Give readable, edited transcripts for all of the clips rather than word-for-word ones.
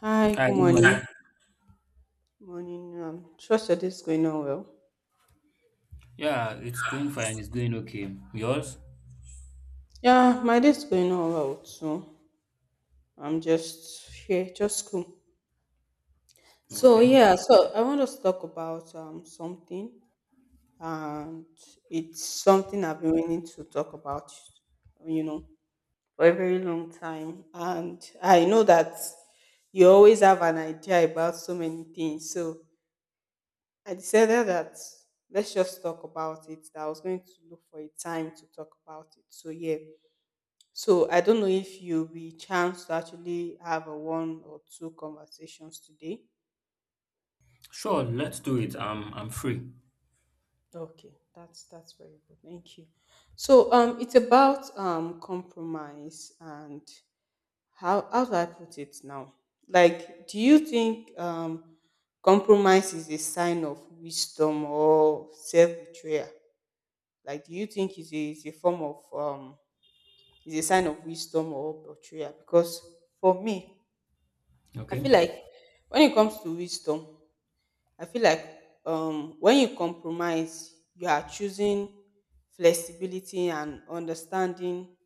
Hi, good Hi, good morning. morning. Morning. Trust your day's going on well. Yeah, it's going fine. It's going okay. Yours? Yeah, my day's going on well too. I'm just here, just cool. So Okay. yeah, so I want us to talk about something, and it's something I've been wanting to talk about, you know, for a very long time. And I know that you always have an idea about so many things. So I decided that let's just talk about it. That I was going to look for a time to talk about it. So yeah. So I don't know if you'll be chance to actually have a one or two conversations today. Sure, let's do it. I'm free. Okay, that's very good. Thank you. So it's about compromise and how do I put it now? Like, do you think compromise is a sign of wisdom or self betrayal? Like, do you think is a, it's a form of is a sign of wisdom or betrayal? Because for me, I Okay. feel like when it comes to wisdom, I feel like when you compromise, you are choosing flexibility and understanding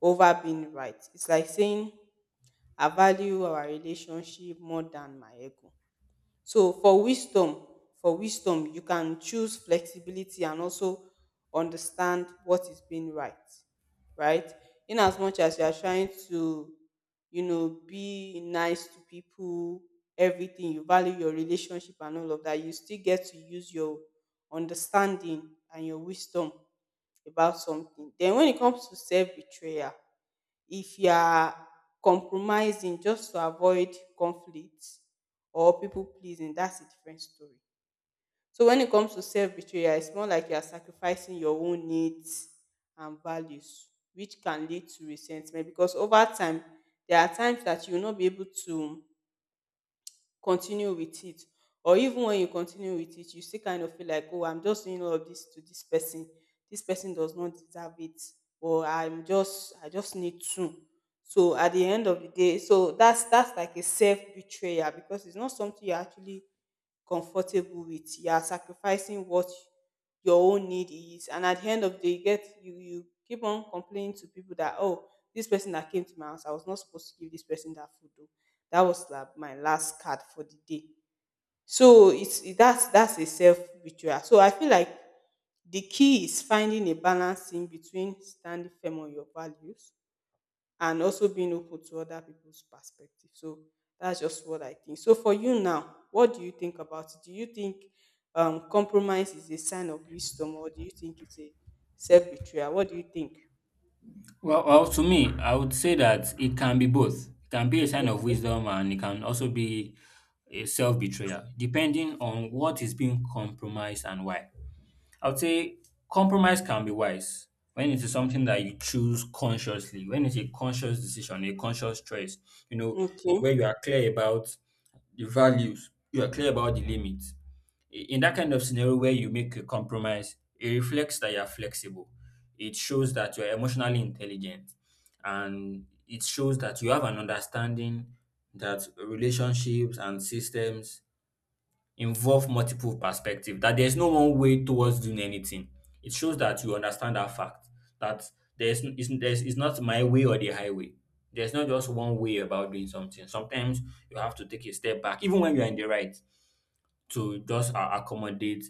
over being right. It's like saying I value our relationship more than my ego. So for wisdom, you can choose flexibility and also understand what is being right, right? In as much as you are trying to, you know, be nice to people, everything, you value your relationship and all of that, you still get to use your understanding and your wisdom about something. Then when it comes to self betrayal, if you are compromising just to avoid conflict or people pleasing, that's a different story. So when it comes to self betrayal, it's more like you are sacrificing your own needs and values, which can lead to resentment because over time, there are times that you will not be able to continue with it, or even when you continue with it, you still kind of feel like, oh, I'm just doing all of this to this person, this person does not deserve it, or I'm just I just need to. So at the end of the day, so that's like a self betrayal, because it's not something you actually comfortable with. You are sacrificing what your own need is. And at the end of the day, you get you you keep on complaining to people that, oh, this person that came to my house, I was not supposed to give this person that food. Though. That was like my last card for the day. So it's it- that's a self betrayal. So I feel like the key is finding a balance in between standing firm on your values and also being open to other people's perspective. So that's just what I think. So for you now, what do you think about it? Do you think compromise is a sign of wisdom, or do you think it's a self betrayal? What do you think? Well, to me, I would say that it can be both. It can be a sign of Okay. wisdom and it can also be a self-betrayal, depending on what is being compromised and why. I would say compromise can be wise when it is something that you choose consciously, when it's a conscious decision, a conscious choice, you know, where Okay. you are clear about the values, you are clear about the limits. In that kind of scenario where you make a compromise, it reflects that you are flexible. It shows that you are emotionally intelligent, and it shows that you have an understanding that relationships and systems involve multiple perspective that there's no one way towards doing anything. It shows that you understand that fact that there's it's not my way or the highway. There's not just one way about doing something. Sometimes you have to take a step back, even when you're in the right, to just accommodate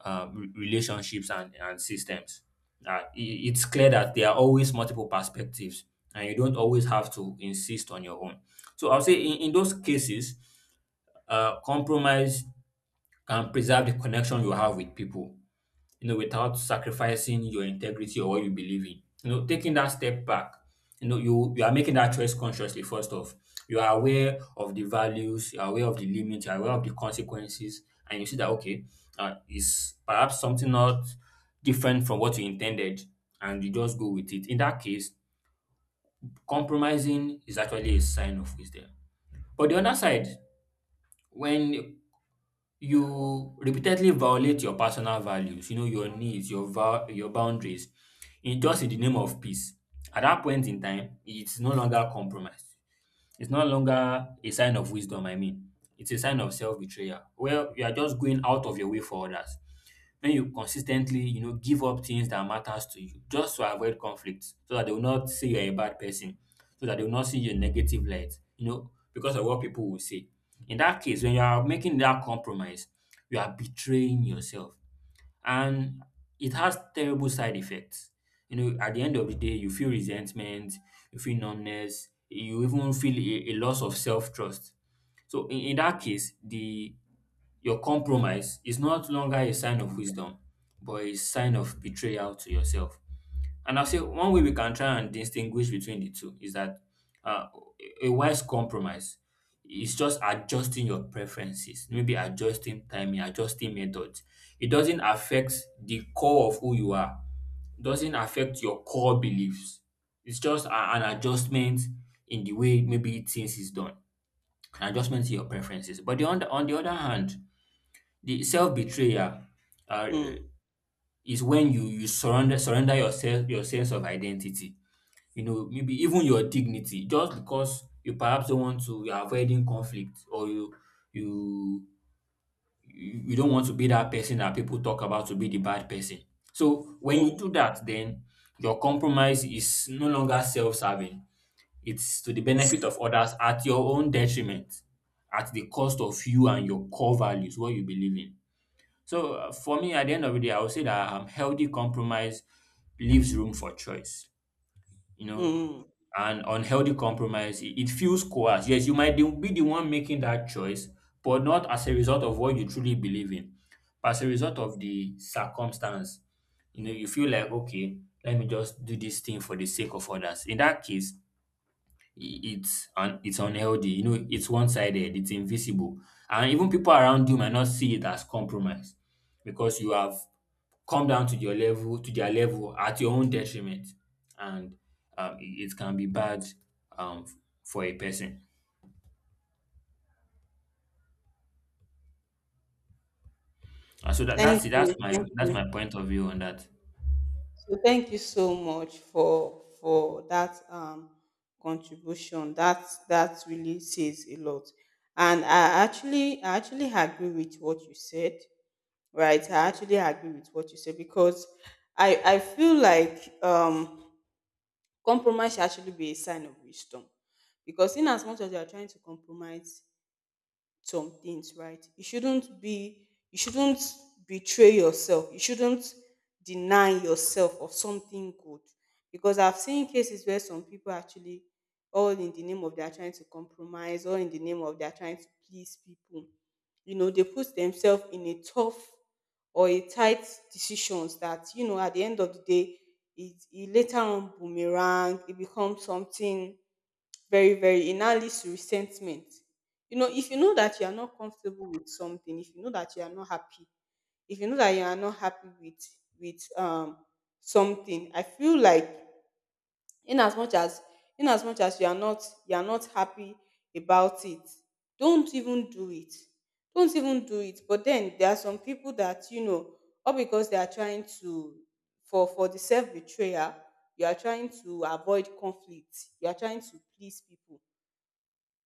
relationships and systems. It's clear that there are always multiple perspectives, and you don't always have to insist on your own. So I'll say in those cases, compromise can preserve the connection you have with people, you know, without sacrificing your integrity or what you believe in. You know, taking that step back, you know, you are making that choice consciously. First off, you are aware of the values, you are aware of the limits, you are aware of the consequences, and you see that okay, is perhaps something not different from what you intended, and you just go with it. In that case, compromising is actually a sign of wisdom. But the other side, when you repeatedly violate your personal values, you know, your needs, your vow, your boundaries, in just in the name of peace. At that point in time, it's no longer compromise. It's no longer a sign of wisdom, I mean. It's a sign of self-betrayal. Well, you are just going out of your way for others when you consistently, you know, give up things that matters to you just to avoid conflict, so that they will not say you're a bad person, so that they will not see you in negative light, you know, because of what people will say. In that case, when you are making that compromise, you are betraying yourself, and it has terrible side effects. You know, at the end of the day, you feel resentment, you feel numbness, you even feel a loss of self trust. So in that case, the your compromise is not longer a sign of wisdom, but a sign of betrayal to yourself. And I'll say one way we can try and distinguish between the two is that uh, a wise compromise is just adjusting your preferences, maybe adjusting timing, adjusting methods. It doesn't affect the core of who you are, doesn't affect your core beliefs. It's just an adjustment in the way maybe things is done, an adjustment to your preferences. But on the other hand, the self-betrayal uh, uh, Mm. is when you surrender yourself your sense of identity. You know, maybe even your dignity, just because you perhaps don't want to, you're avoiding conflict, or you you don't want to be that person that people talk about to be the bad person. So when you Mm. do that, then your compromise is no longer self-serving. It's to the benefit of others at your own detriment, at the cost of you and your core values, what you believe in. So for me, at the end of the day, I would say that healthy compromise leaves room for choice, you know, Mm. and unhealthy compromise, it feels coerced. Yes, you might be the one making that choice, but not as a result of what you truly believe in, but as a result of the circumstance. You know, you feel like, okay, let me just do this thing for the sake of others. In that case, it's unhealthy. You know, it's one-sided. It's invisible, and even people around you might not see it as compromise because you have come down to your level to their level at your own detriment and um, it, it can be bad um, for a person and so Thank that's it that's you. my Thank that's my you. point of view on that. So thank you so much for that contribution. That really says a lot. And I actually agree with what you said. Right, I actually agree with what you said, because I feel like compromise should actually be a sign of wisdom, because in as much as you are trying to compromise some things, right? You shouldn't betray yourself. You shouldn't deny yourself of something good. Because I've seen cases where some people actually, all in the name of they're trying to compromise, all in the name of they're trying to please people. You know, they put themselves in a tough or a tight decisions that, you know, at the end of the day, it later on boomerang, it becomes something very it now leads to resentment. You know, if you know that you are not comfortable with something, if you know that you are not happy, if you know that you are not happy with with um something, I feel like in as much as in as much as you are not happy about it, don't even do it. But then there are some people that, you know, or because they are trying to, for the self betrayal, you are trying to avoid conflict, you are trying to please people,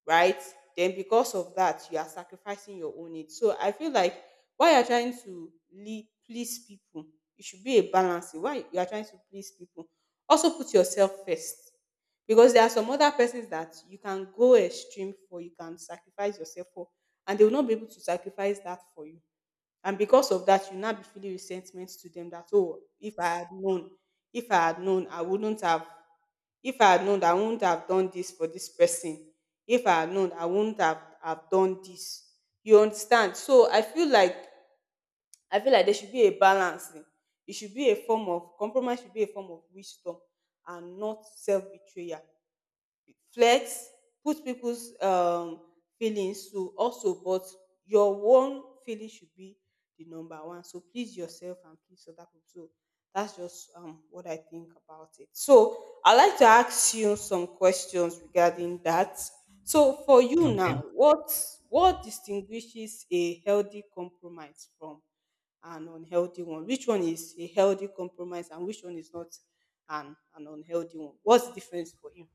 right? Then because of that, you are sacrificing your own needs. So I feel like while you're trying to lead, please people, it should be a balance. Why you are trying to please people, also put yourself first. Because there are some other persons that you can go extreme for, you can sacrifice yourself for, and they will not be able to sacrifice that for you. And because of that, you now be feeling resentment to them that, oh, if I had known, if I had known, I wouldn't have if I had known, I wouldn't have done this for this person. If I had known, I wouldn't have done this. You understand? So I feel like there should be a balance. Eh. It should be a form of compromise should be a form of wisdom and not self-betrayal. Flex, put people's feelings to also, but your own feeling should be the number one. So please yourself and please other people. So that's just what I think about it. So I'd like to ask you some questions regarding that. So for you Okay, now, what distinguishes a healthy compromise from an unhealthy one? Which one is a healthy compromise and which one is not an unhealthy one? What's the difference for you?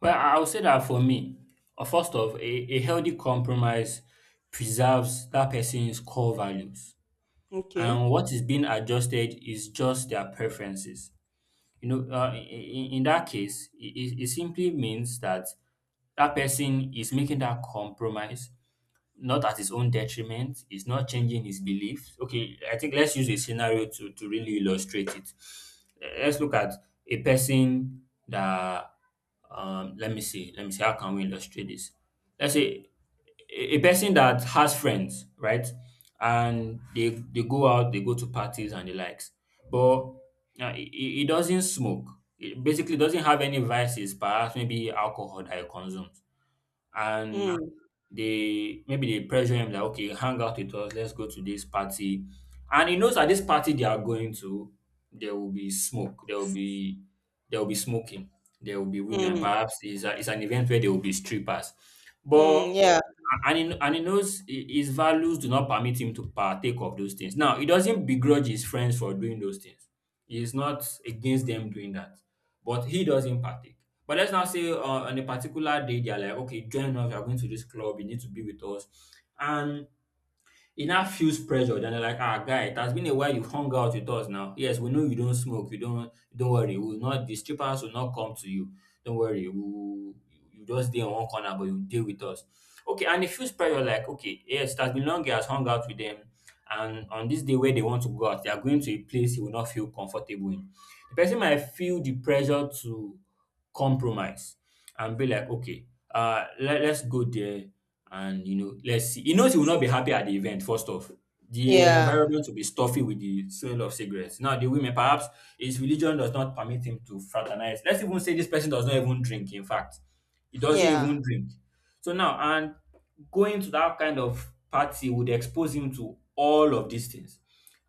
well I'll say that for me, first off a healthy compromise preserves that person's core values Okay. and what is being adjusted is just their preferences, you know. In that case, it it simply means that that person is making that compromise not at his own detriment. He's not changing his beliefs. Okay, I think let's use a scenario to really illustrate it. Let's look at a person that, let me see, how can we illustrate this? Let's say a person that has friends, right? And they go out, they go to parties and the likes. But he doesn't smoke. He basically doesn't have any vices, perhaps maybe alcohol that he consumes and Mm, they maybe they pressure him like, okay, hang out with us, let's go to this party. And he knows at this party they are going to, there will be smoke, there will be smoking, there will be women. mm, Perhaps it's, it's an event where there will be strippers. mm, But yeah, and he knows his values do not permit him to partake of those things. Now, he doesn't begrudge his friends for doing those things. He is not against them doing that, but he doesn't partake. But let's now say, on a particular day, they're like, okay, join us. We are going to this club. You need to be with us. And he now feels pressured and they're like, ah, guy, it has been a while you've hung out with us now. Yes, we know you don't smoke. You don't worry. We'll not, the strippers will not come to you. Don't worry. We'll, you just stay in one corner, but you deal with us. Okay. And he feels pressure like, okay, yes, it has been long he has hung out with them. And on this day where they want to go out, they are going to a place he will not feel comfortable in. The person might feel the pressure to compromise and be like, okay, let's go there. And, you know, let's see. He knows he will not be happy at the event, first off. The yeah, environment will be stuffy with the smell of cigarettes. Now, the women, perhaps his religion does not permit him to fraternize. Let's even say this person does not even drink, in fact. He doesn't yeah. even drink. So now, and going to that kind of party would expose him to all of these things.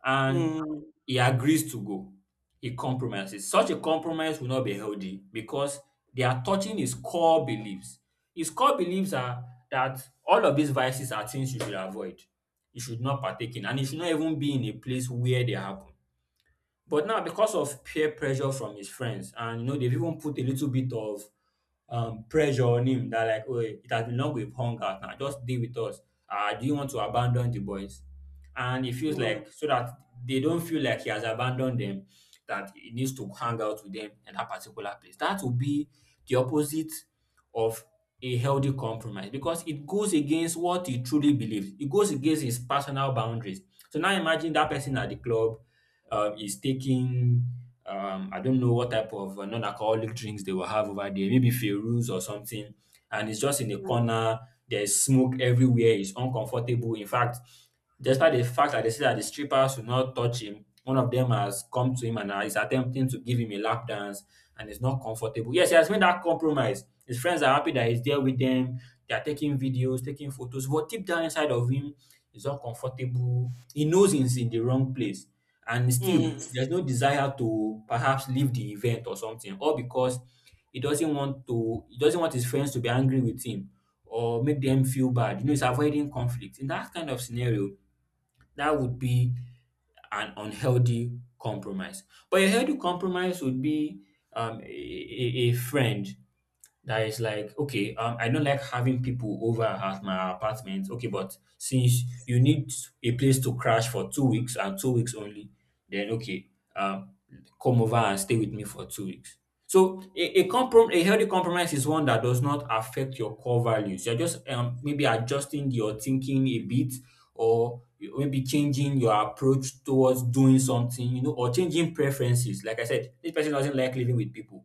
And Mm, he agrees to go. A compromise. Is. Such a compromise will not be healthy because they are touching his core beliefs. His core beliefs are that all of these vices are things you should avoid, you should not partake in, and you should not even be in a place where they happen. But now, because of peer pressure from his friends, and you know, they've even put a little bit of pressure on him that like, oh, it has been long we've hung out now. Just deal with us. Do you want to abandon the boys? And he feels like mm, so that they don't feel like he has abandoned them, that he needs to hang out with them in that particular place. That will be the opposite of a healthy compromise because it goes against what he truly believes. It goes against his personal boundaries. So now imagine that person at the club, is taking I don't know what type of non-alcoholic drinks they will have over there, maybe Feroz or something, and it's just in the corner. There's smoke everywhere. It's uncomfortable. In fact, despite the fact that they say that the strippers will not touch him, one of them has come to him and is attempting to give him a lap dance, and it's not comfortable. Yes, he has made that compromise. His friends are happy that he's there with them. They are taking videos, taking photos, but deep down inside of him, he's uncomfortable. He knows he's in the wrong place, and still mm, there's no desire to perhaps leave the event or something, all because he doesn't want his friends to be angry with him or make them feel bad. He's avoiding conflict in that kind of scenario. That would be an unhealthy compromise. But a healthy compromise would be a friend that is like, "Okay, I don't like having people over at my apartment. Okay, but since you need a place to crash for 2 weeks, and 2 weeks only, then okay, um come over and stay with me for 2 weeks." So a healthy compromise is one that does not affect your core values. You're just maybe adjusting your thinking a bit, or maybe changing your approach towards doing something or changing preferences. Like I said, this person doesn't like living with people,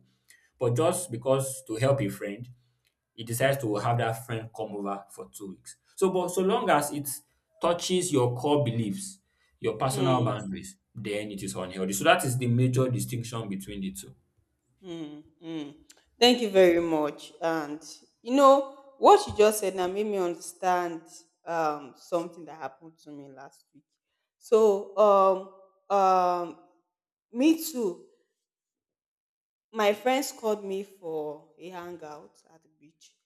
but just because to help a friend, he decides to have that friend come over for 2 weeks. So, but so long as it touches your core beliefs, your personal mm, boundaries, then it is unhealthy. So that is the major distinction between the two. mm, mm. Thank you very much. And you know what you just said now made me understand something that happened to me last week. So um um me too. My friends called me for a hangout at the beach.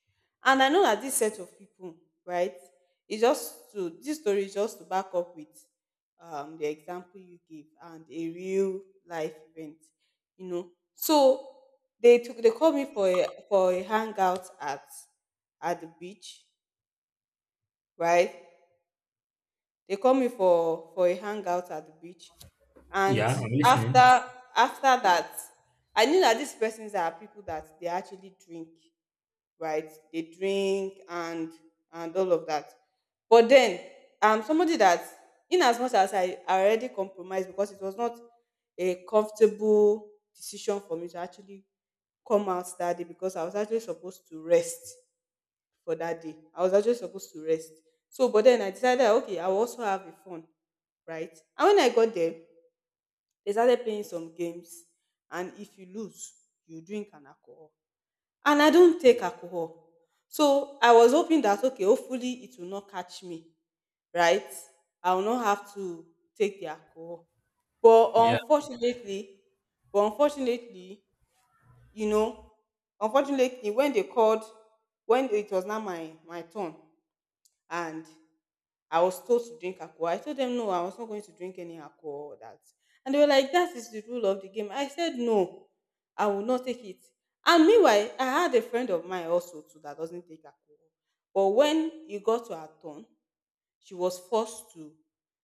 And I know that this set of people, right, is just to, this story is just to back up with the example you gave and a real life event, you know. So they took, they called me for a hangout at the beach, right? They called me for a hangout at the beach, and Yeah, I'm listening. after after that, I knew that these persons are people that they actually drink, right? They drink and all of that. But then I'm somebody that, in as much as I already compromised, because it was not a comfortable decision for me to actually come out that day, because I was actually supposed to rest for that day. I was actually supposed to rest. So, but then I decided that, okay, I will also have a phone, right? And when I got there, they started playing some games. And if you lose, you drink an alcohol. And I don't take alcohol. So I was hoping that, okay, hopefully it will not catch me, right? I will not have to take the alcohol. But Yeah, unfortunately, but unfortunately, you know, unfortunately, when they called, when it was now my turn, and I was told to drink alcohol. I told them no, I was not going to drink any alcohol. That and they were like, that is the rule of the game. I said no, I will not take it. And meanwhile, I had a friend of mine also too that doesn't take alcohol. But when it got to her turn, she was forced to.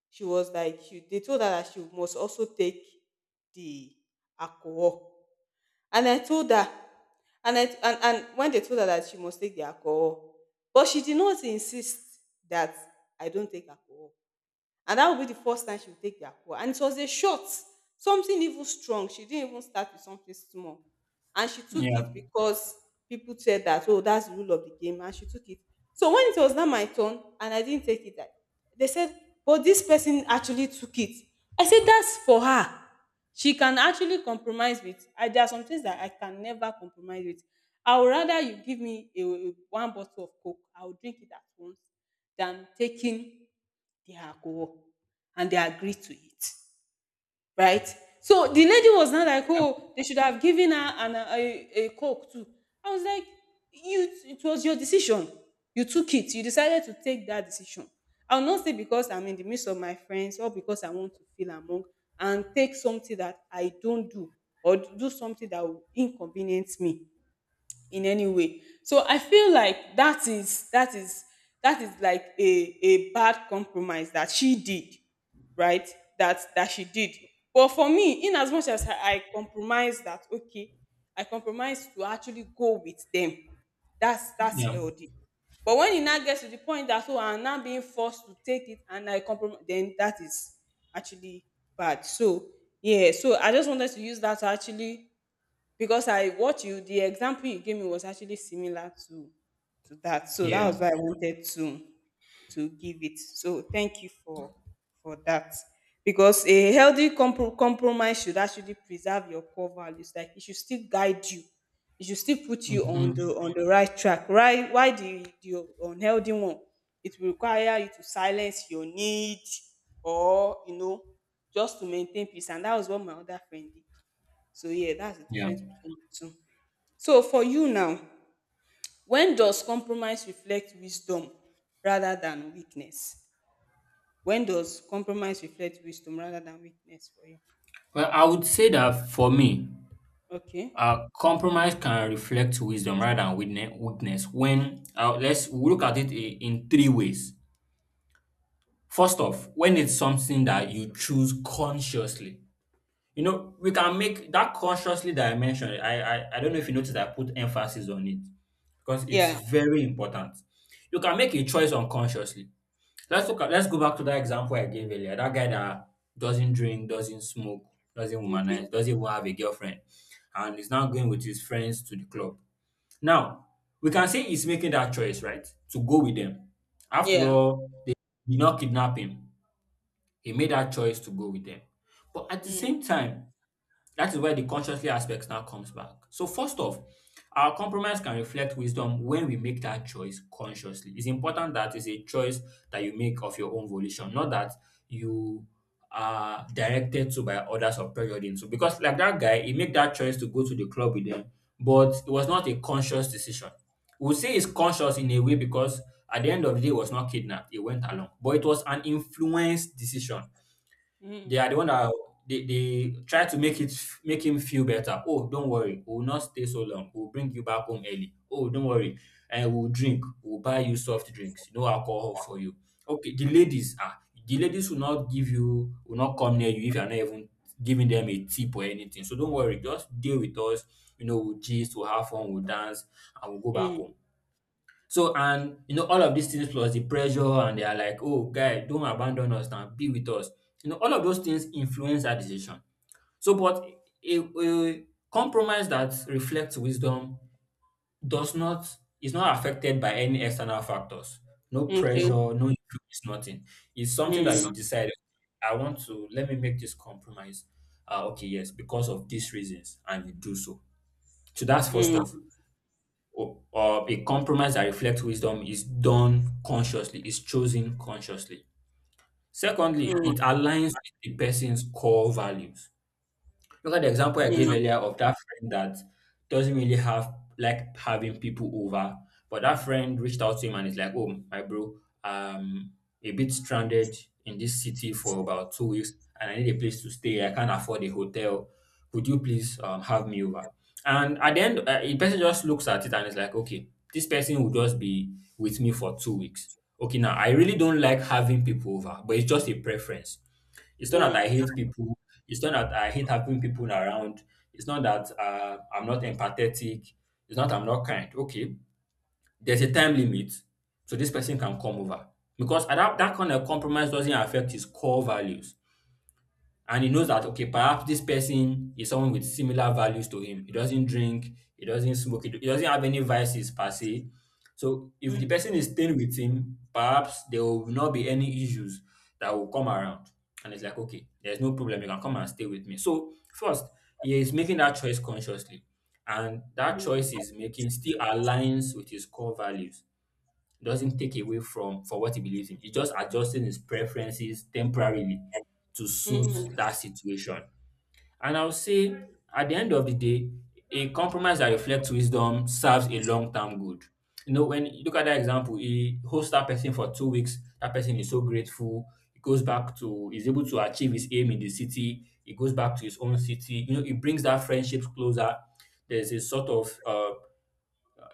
She was like, she, they told her that she must also take the alcohol, and I told her, and when they told her that she must take the alcohol, but she did not insist that I don't take alcohol. And that will be the first time she will take the call. And it was a shot, something even strong. She didn't even start with something small. And she took it yeah, because people said that, oh, that's the rule of the game. And she took it. So when it was not my turn and I didn't take it, they said, but this person actually took it. I said, that's for her. She can actually compromise with. I, there are some things that I can never compromise with. I would rather you give me a- one bottle of Coke, I will drink it at once than taking the alcohol, and they agreed to it, right? So the lady was not like, oh, they should have given her an a coke too. I was like, you, it was your decision. You took it, you decided to take that decision. I will not say because I'm in the midst of my friends or because I want to feel among, and take something that I don't do or do something that will inconvenience me in any way. So I feel like that is like a bad compromise that she did, right? That she did. But for me, in as much as I compromise that, okay, I compromise to actually go with them. That's yeah, healthy. But when it now gets to the point that I'm now being forced to take it and I compromise, then that is actually bad. So yeah, so I just wanted to use that to actually, because I what you the example you gave me was actually similar to that. So that was why yeah. I wanted to give it. So thank you for that. Because a compromise should actually preserve your core values. Like it should still guide you. It should still put you Mm-hmm. on the right track. Right? Why the unhealthy one? It will require you to silence your need or just to maintain peace. And that was what my other friend did. So yeah, that's the Yeah. difference between the two. So for you now, when does compromise reflect wisdom rather than weakness? When does compromise reflect wisdom rather than weakness for you? Well, I would say that, for me, Okay. Compromise can reflect wisdom rather than weakness. When, let's look at it in 3 ways. First off, when it's something that you choose consciously, we can make that consciously that I mentioned. I don't know if you noticed I put emphasis on it because it's Yeah. very important. You can make a choice unconsciously. Let's look at let's go back to that example I gave earlier. That guy that doesn't drink, doesn't smoke, doesn't Okay. womanize, doesn't even have a girlfriend, and is now going with his friends to the club. Now, we can say he's making that choice, right? To go with them. After Yeah. all, they did not kidnap him. He made that choice to go with them. But at the Mm. same time, that is where the consciously aspect now comes back. So, first off, our compromise can reflect wisdom when we make that choice consciously. It's important that it's a choice that you make of your own volition, not that you are directed to by others or pressured into. Because, like that guy, he made that choice to go to the club with them, but it was not a conscious decision. We'll say it's conscious in a way because at the end of the day, he was not kidnapped, he went along, but it was an influenced decision. They Mm. are the one that they try to make him feel better. Oh, don't worry, we'll not stay so long. We'll bring you back home early. Oh, don't worry, and we'll drink. We'll buy you soft drinks. No alcohol for you. Okay, the ladies will not give you will not come near you if you are not even giving them a tip or anything. So don't worry, just deal with us. You know, we'll gist, we'll have fun, we'll dance, and we'll go back Mm. home. So and all of these things, plus the pressure, and they are like, "Oh guy, don't abandon us now, be with us." You know all of those things influence our decision. So but a compromise that reflects wisdom does not is not affected by any external factors. No Okay. pressure, no influence, nothing. It's something that you Mm. decide. "Okay, I want to let me make this compromise. Okay, yes, because of these reasons," and you do so. So that's first Mm. off. Or a compromise that reflects wisdom is done consciously, is chosen consciously. Secondly, Mm. it aligns with the person's core values. Look at the example I gave Mm. earlier of that friend that doesn't really have like having people over, but that friend reached out to him and it's like, "Oh, my bro, um, a bit stranded in this city for about 2 weeks, and I need a place to stay. I can't afford a hotel. Could you please have me over?" And at the end, the person just looks at it and is like, "Okay, this person will just be with me for 2 weeks. Okay, now I really don't like having people over, but it's just a preference. It's not that I Mm. hate people. It's not that I hate having people around. It's not that I'm not empathetic. It's not I'm not kind. Okay, there's a time limit, so this person can come over," because that kind of compromise doesn't affect his core values. And he knows that, okay, perhaps this person is someone with similar values to him. He doesn't drink, he doesn't smoke, he doesn't have any vices per se. So if the Mm. person is staying with him, perhaps there will not be any issues that will come around, and it's like, "Okay, there's no problem, you can come and stay with me." So first, he is making that choice consciously, and that Mm. choice he's making still aligns with his core values. Doesn't take away from for what he believes in. It's just adjusting his preferences temporarily to suit Mm. that situation. And I'll say, at the end of the day, a compromise that reflects wisdom serves a long-term good. You know, when you look at that example, he hosts that person for 2 weeks, that person is so grateful. He's able to achieve his aim in the city, he goes back to his own city, it brings that friendships closer. There's a sort of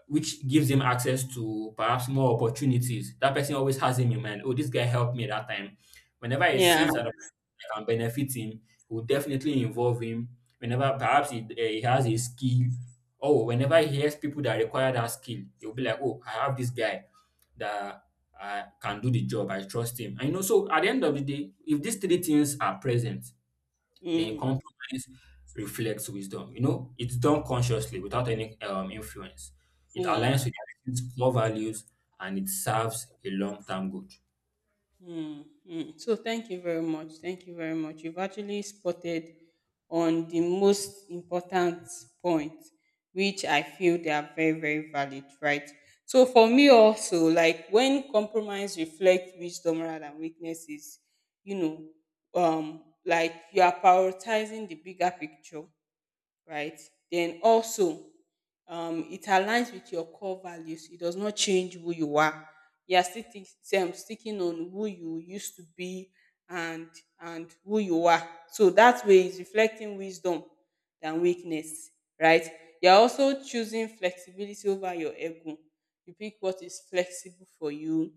which gives him access to perhaps more opportunities. That person always has him in mind. Oh, this guy helped me that time. Whenever he Yeah. sees that I can benefit him, he will definitely involve him. Whenever perhaps he has a skill, or whenever he hears people that require that skill, he will be like, "Oh, I have this guy that, can do the job. I trust him." And, so at the end of the day, if these 3 things are present, then Mm. compromise reflects wisdom. It's done consciously without any influence. It Yeah. aligns with the person's core values, and it serves a long-term good. Mm, mm. So thank you very much. Thank you very much. You've actually spotted on the most important point, which I feel they are very, very valid, right? So for me also, like when compromise reflects wisdom rather than weaknesses, you know, like you are prioritizing the bigger picture, right? Then also, it aligns with your core values. It does not change who you are. You are still sticking on who you used to be and and who you are. So that way, is reflecting wisdom than weakness, right? You are also choosing flexibility over your ego. You pick what is flexible for you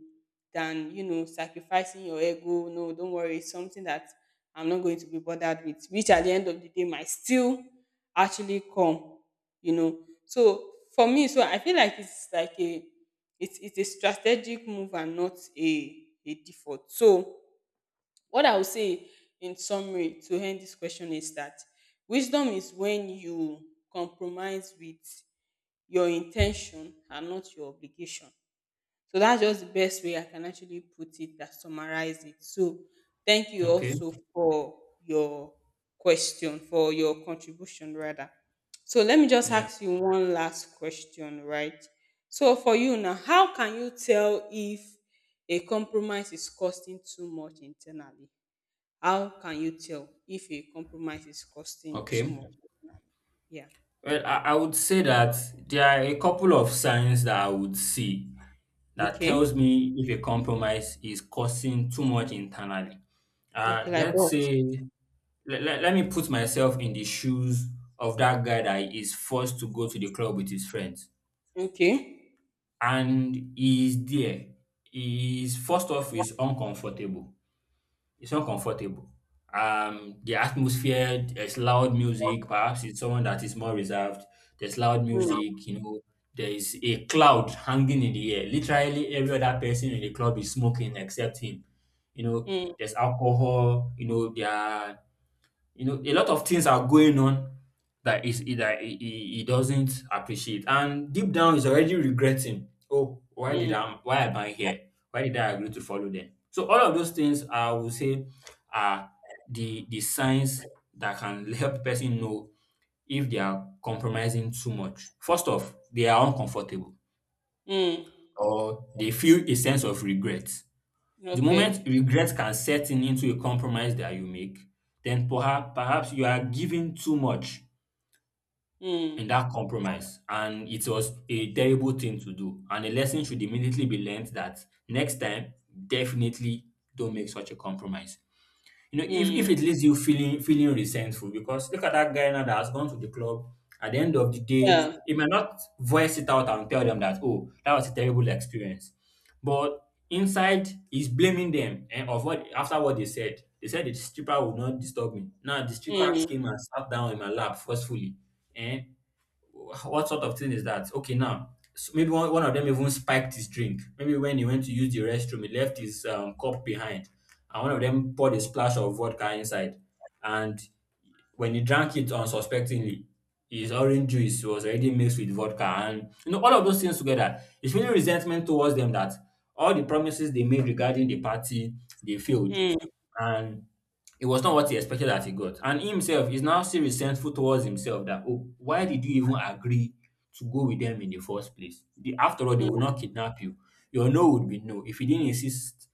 than sacrificing your ego. No, don't worry. It's something that I'm not going to be bothered with, which at the end of the day might still actually come, you know. So for me, so I feel like it's like a it's a strategic move and not a default. So what I would say in summary to end this question is that wisdom is when you compromise with your in ten tion and not your obligation. So that's just the best way I can actually put it, that summarize it. So thank you Okay. also for your question, for your contribution rather. So let me just Yeah. ask you one last question, right? So for you now, how can you tell if a compromise is costing too much internally? How can you tell if a compromise is costing too Okay. much internally? Yeah. Well, I would say that there are a couple of signs that I would see that Okay. tells me if a compromise is causing too much internally. Okay, like Let's what? say, let me put myself in the shoes of that guy that is forced to go to the club with his friends. Okay. And he is there. He is, first off, is uncomfortable. It's uncomfortable. The atmosphere, there's loud music. Perhaps it's someone that is more reserved. There's loud Mm, music. There is a cloud hanging in the air. Literally, every other person in the club is smoking except him. Mm, There's alcohol. You know, there are you know, A lot of things are going on that is that he doesn't appreciate, and deep down he's already regretting. Oh, why did mm, I? Why am I here? Why did I agree to follow them? So all of those things, I would say, are the signs that can help the person know if they are compromising too much. First off, they are uncomfortable, mm. or they feel a sense of regret. The moment Okay. regret can set in into a compromise that you make, then perhaps you are giving too much in Mm. that compromise, and it was a terrible thing to do. And a lesson should immediately be learned that next time, definitely don't make such a compromise. You know, if, Mm. if it leaves you feeling resentful, because look at that guy now that has gone to the club. At the end of the day, Yeah. he may not voice it out and tell them that, "Oh, that was a terrible experience." But inside, he's blaming them and of what after what they said. They said the stripper would not disturb me. Now the stripper Mm. came and sat down in my lap forcefully. eh what sort of thing is that? Okay, now s maybe one of them even spiked his drink. Maybe when he went to use the restroom, he left his cup behind, and one of them poured a splash of vodka inside. And when he drank it unsuspectingly, his orange juice was already mixed with vodka, and all of those things together. It's really resentment towards them that all the promises they made regarding the party they failed, Mm. and it was not what he expected that he got. And himself is now still resentful towards himself that, "Oh, why did you even agree to go with them in the first place? After all, they will Mm. not kidnap you. Your no would be no. If you didn't insist,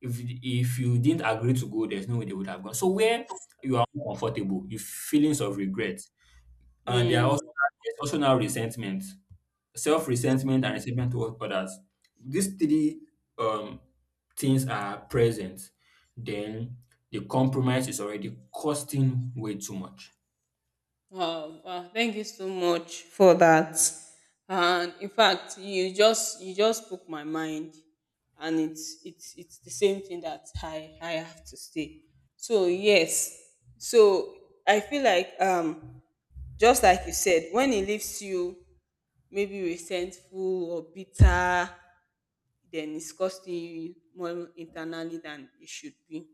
if you didn't agree to go, there's no way they would have gone." So where you are uncomfortable, you feelings of regret, and Mm. There's also now resentment, self-resentment, and resentment towards others. These three um, things are present, then the compromise is already costing way too much. Wow. Wow. Thank you so much for that. And in fact, you just spoke my mind, and it's the same thing that I have to say. So yes. So I feel like just like you said, when it leaves you maybe resentful or bitter, then it's costing you more internally than it should be.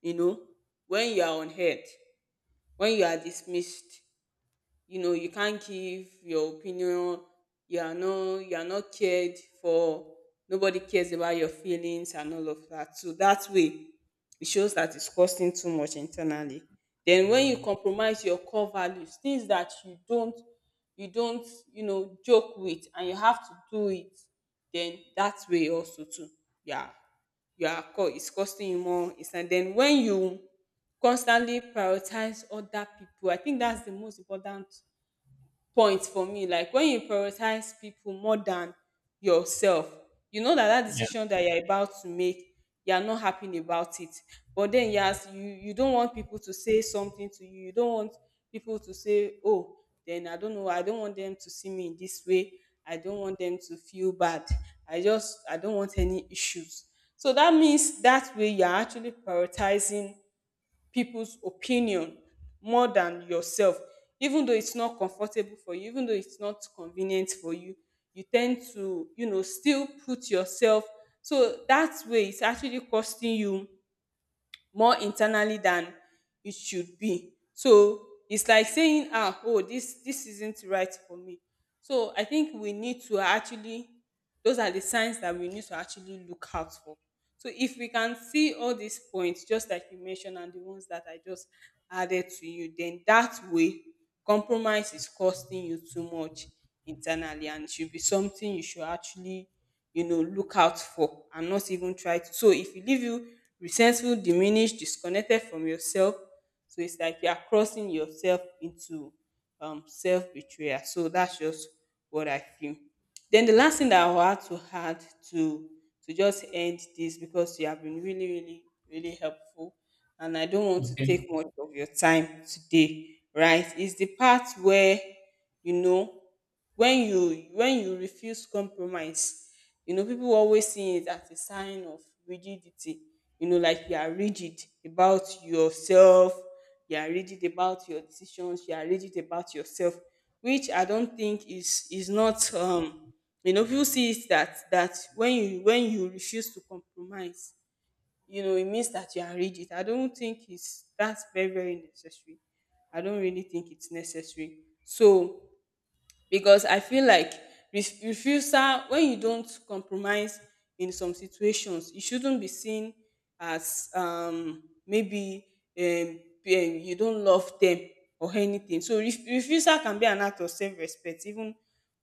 You know, when you are unheard, when you are dismissed, you know, you can't give your opinion, you are not cared for, nobody cares about your feelings and all of that. So that way, it shows that it's costing too much internally. Then when you compromise your core values, things that you don't you know joke with and you have to do it, then that way also too, yeah, it's costing you more. It's, and then when you constantly prioritize other people, I think that's the most important point for me. Like when you prioritize people more than yourself, you know that Yeah. decision that you're about to make, you're not happy about it. But then yes, you don't want people to say something to you, you don't want people to say, oh, then I don't know, I don't want them to see me in this way, I don't want them to feel bad, I don't want any issues. So that means that way you're actually prioritizing people's opinion more than yourself. Even though it's not comfortable for you, even though it's not convenient for you, you tend to, you know, still put yourself. So that way, it's actually costing you more internally than it should be. So it's like saying, ah, oh, this isn't right for me. So I think we need to actually, those are the signs that we need to actually look out for. So if we can see all these points, just like you mentioned, and the ones that I just added to you, then that way compromise is costing you too much internally, and it should be something you should actually, you know, look out for and not even try to. So if you leave you resentful, diminished, disconnected from yourself, so it's like you are crossing yourself into self betrayal. So that's just what I feel. Then the last thing that I had to add to to just end this, because you have been really really helpful, and I don't want to Okay. take much of your time today, right, is the part where you know, when you refuse compromise, you know people always see it as a sign of rigidity, you know, like you are rigid about yourself, you are rigid about your decisions, you are rigid about yourself, which I don't think is not you know, people see it that that when you refuse to compromise, you know, it means that you are rigid. I don't think it's that's very, very necessary. I don't really think it's necessary. So because I feel like refusal, when you don't compromise in some situations, it shouldn't be seen as um, you don't love them or anything. So refusal can be an act of self-respect, even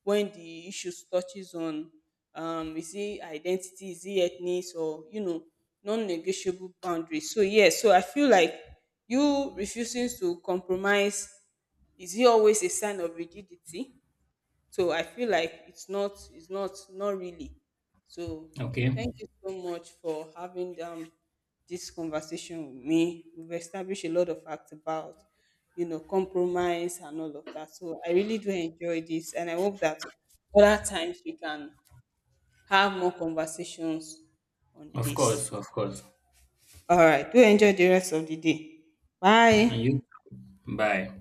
when the issue touches on is it identity, is it ethnic, or you know non-negotiable boundaries. So yeah, so I feel like you refusing to compromise, is it always a sign of rigidity? So I feel like it's not, not really. So Okay. thank you so much for having this conversation with me. We've established a lot of facts about, you know, compromise and all of that. So I really do enjoy this, and I hope that other times we can have more conversations on Of this. course. Of course. All right, do enjoy the rest of the day. And Bye. you. Bye.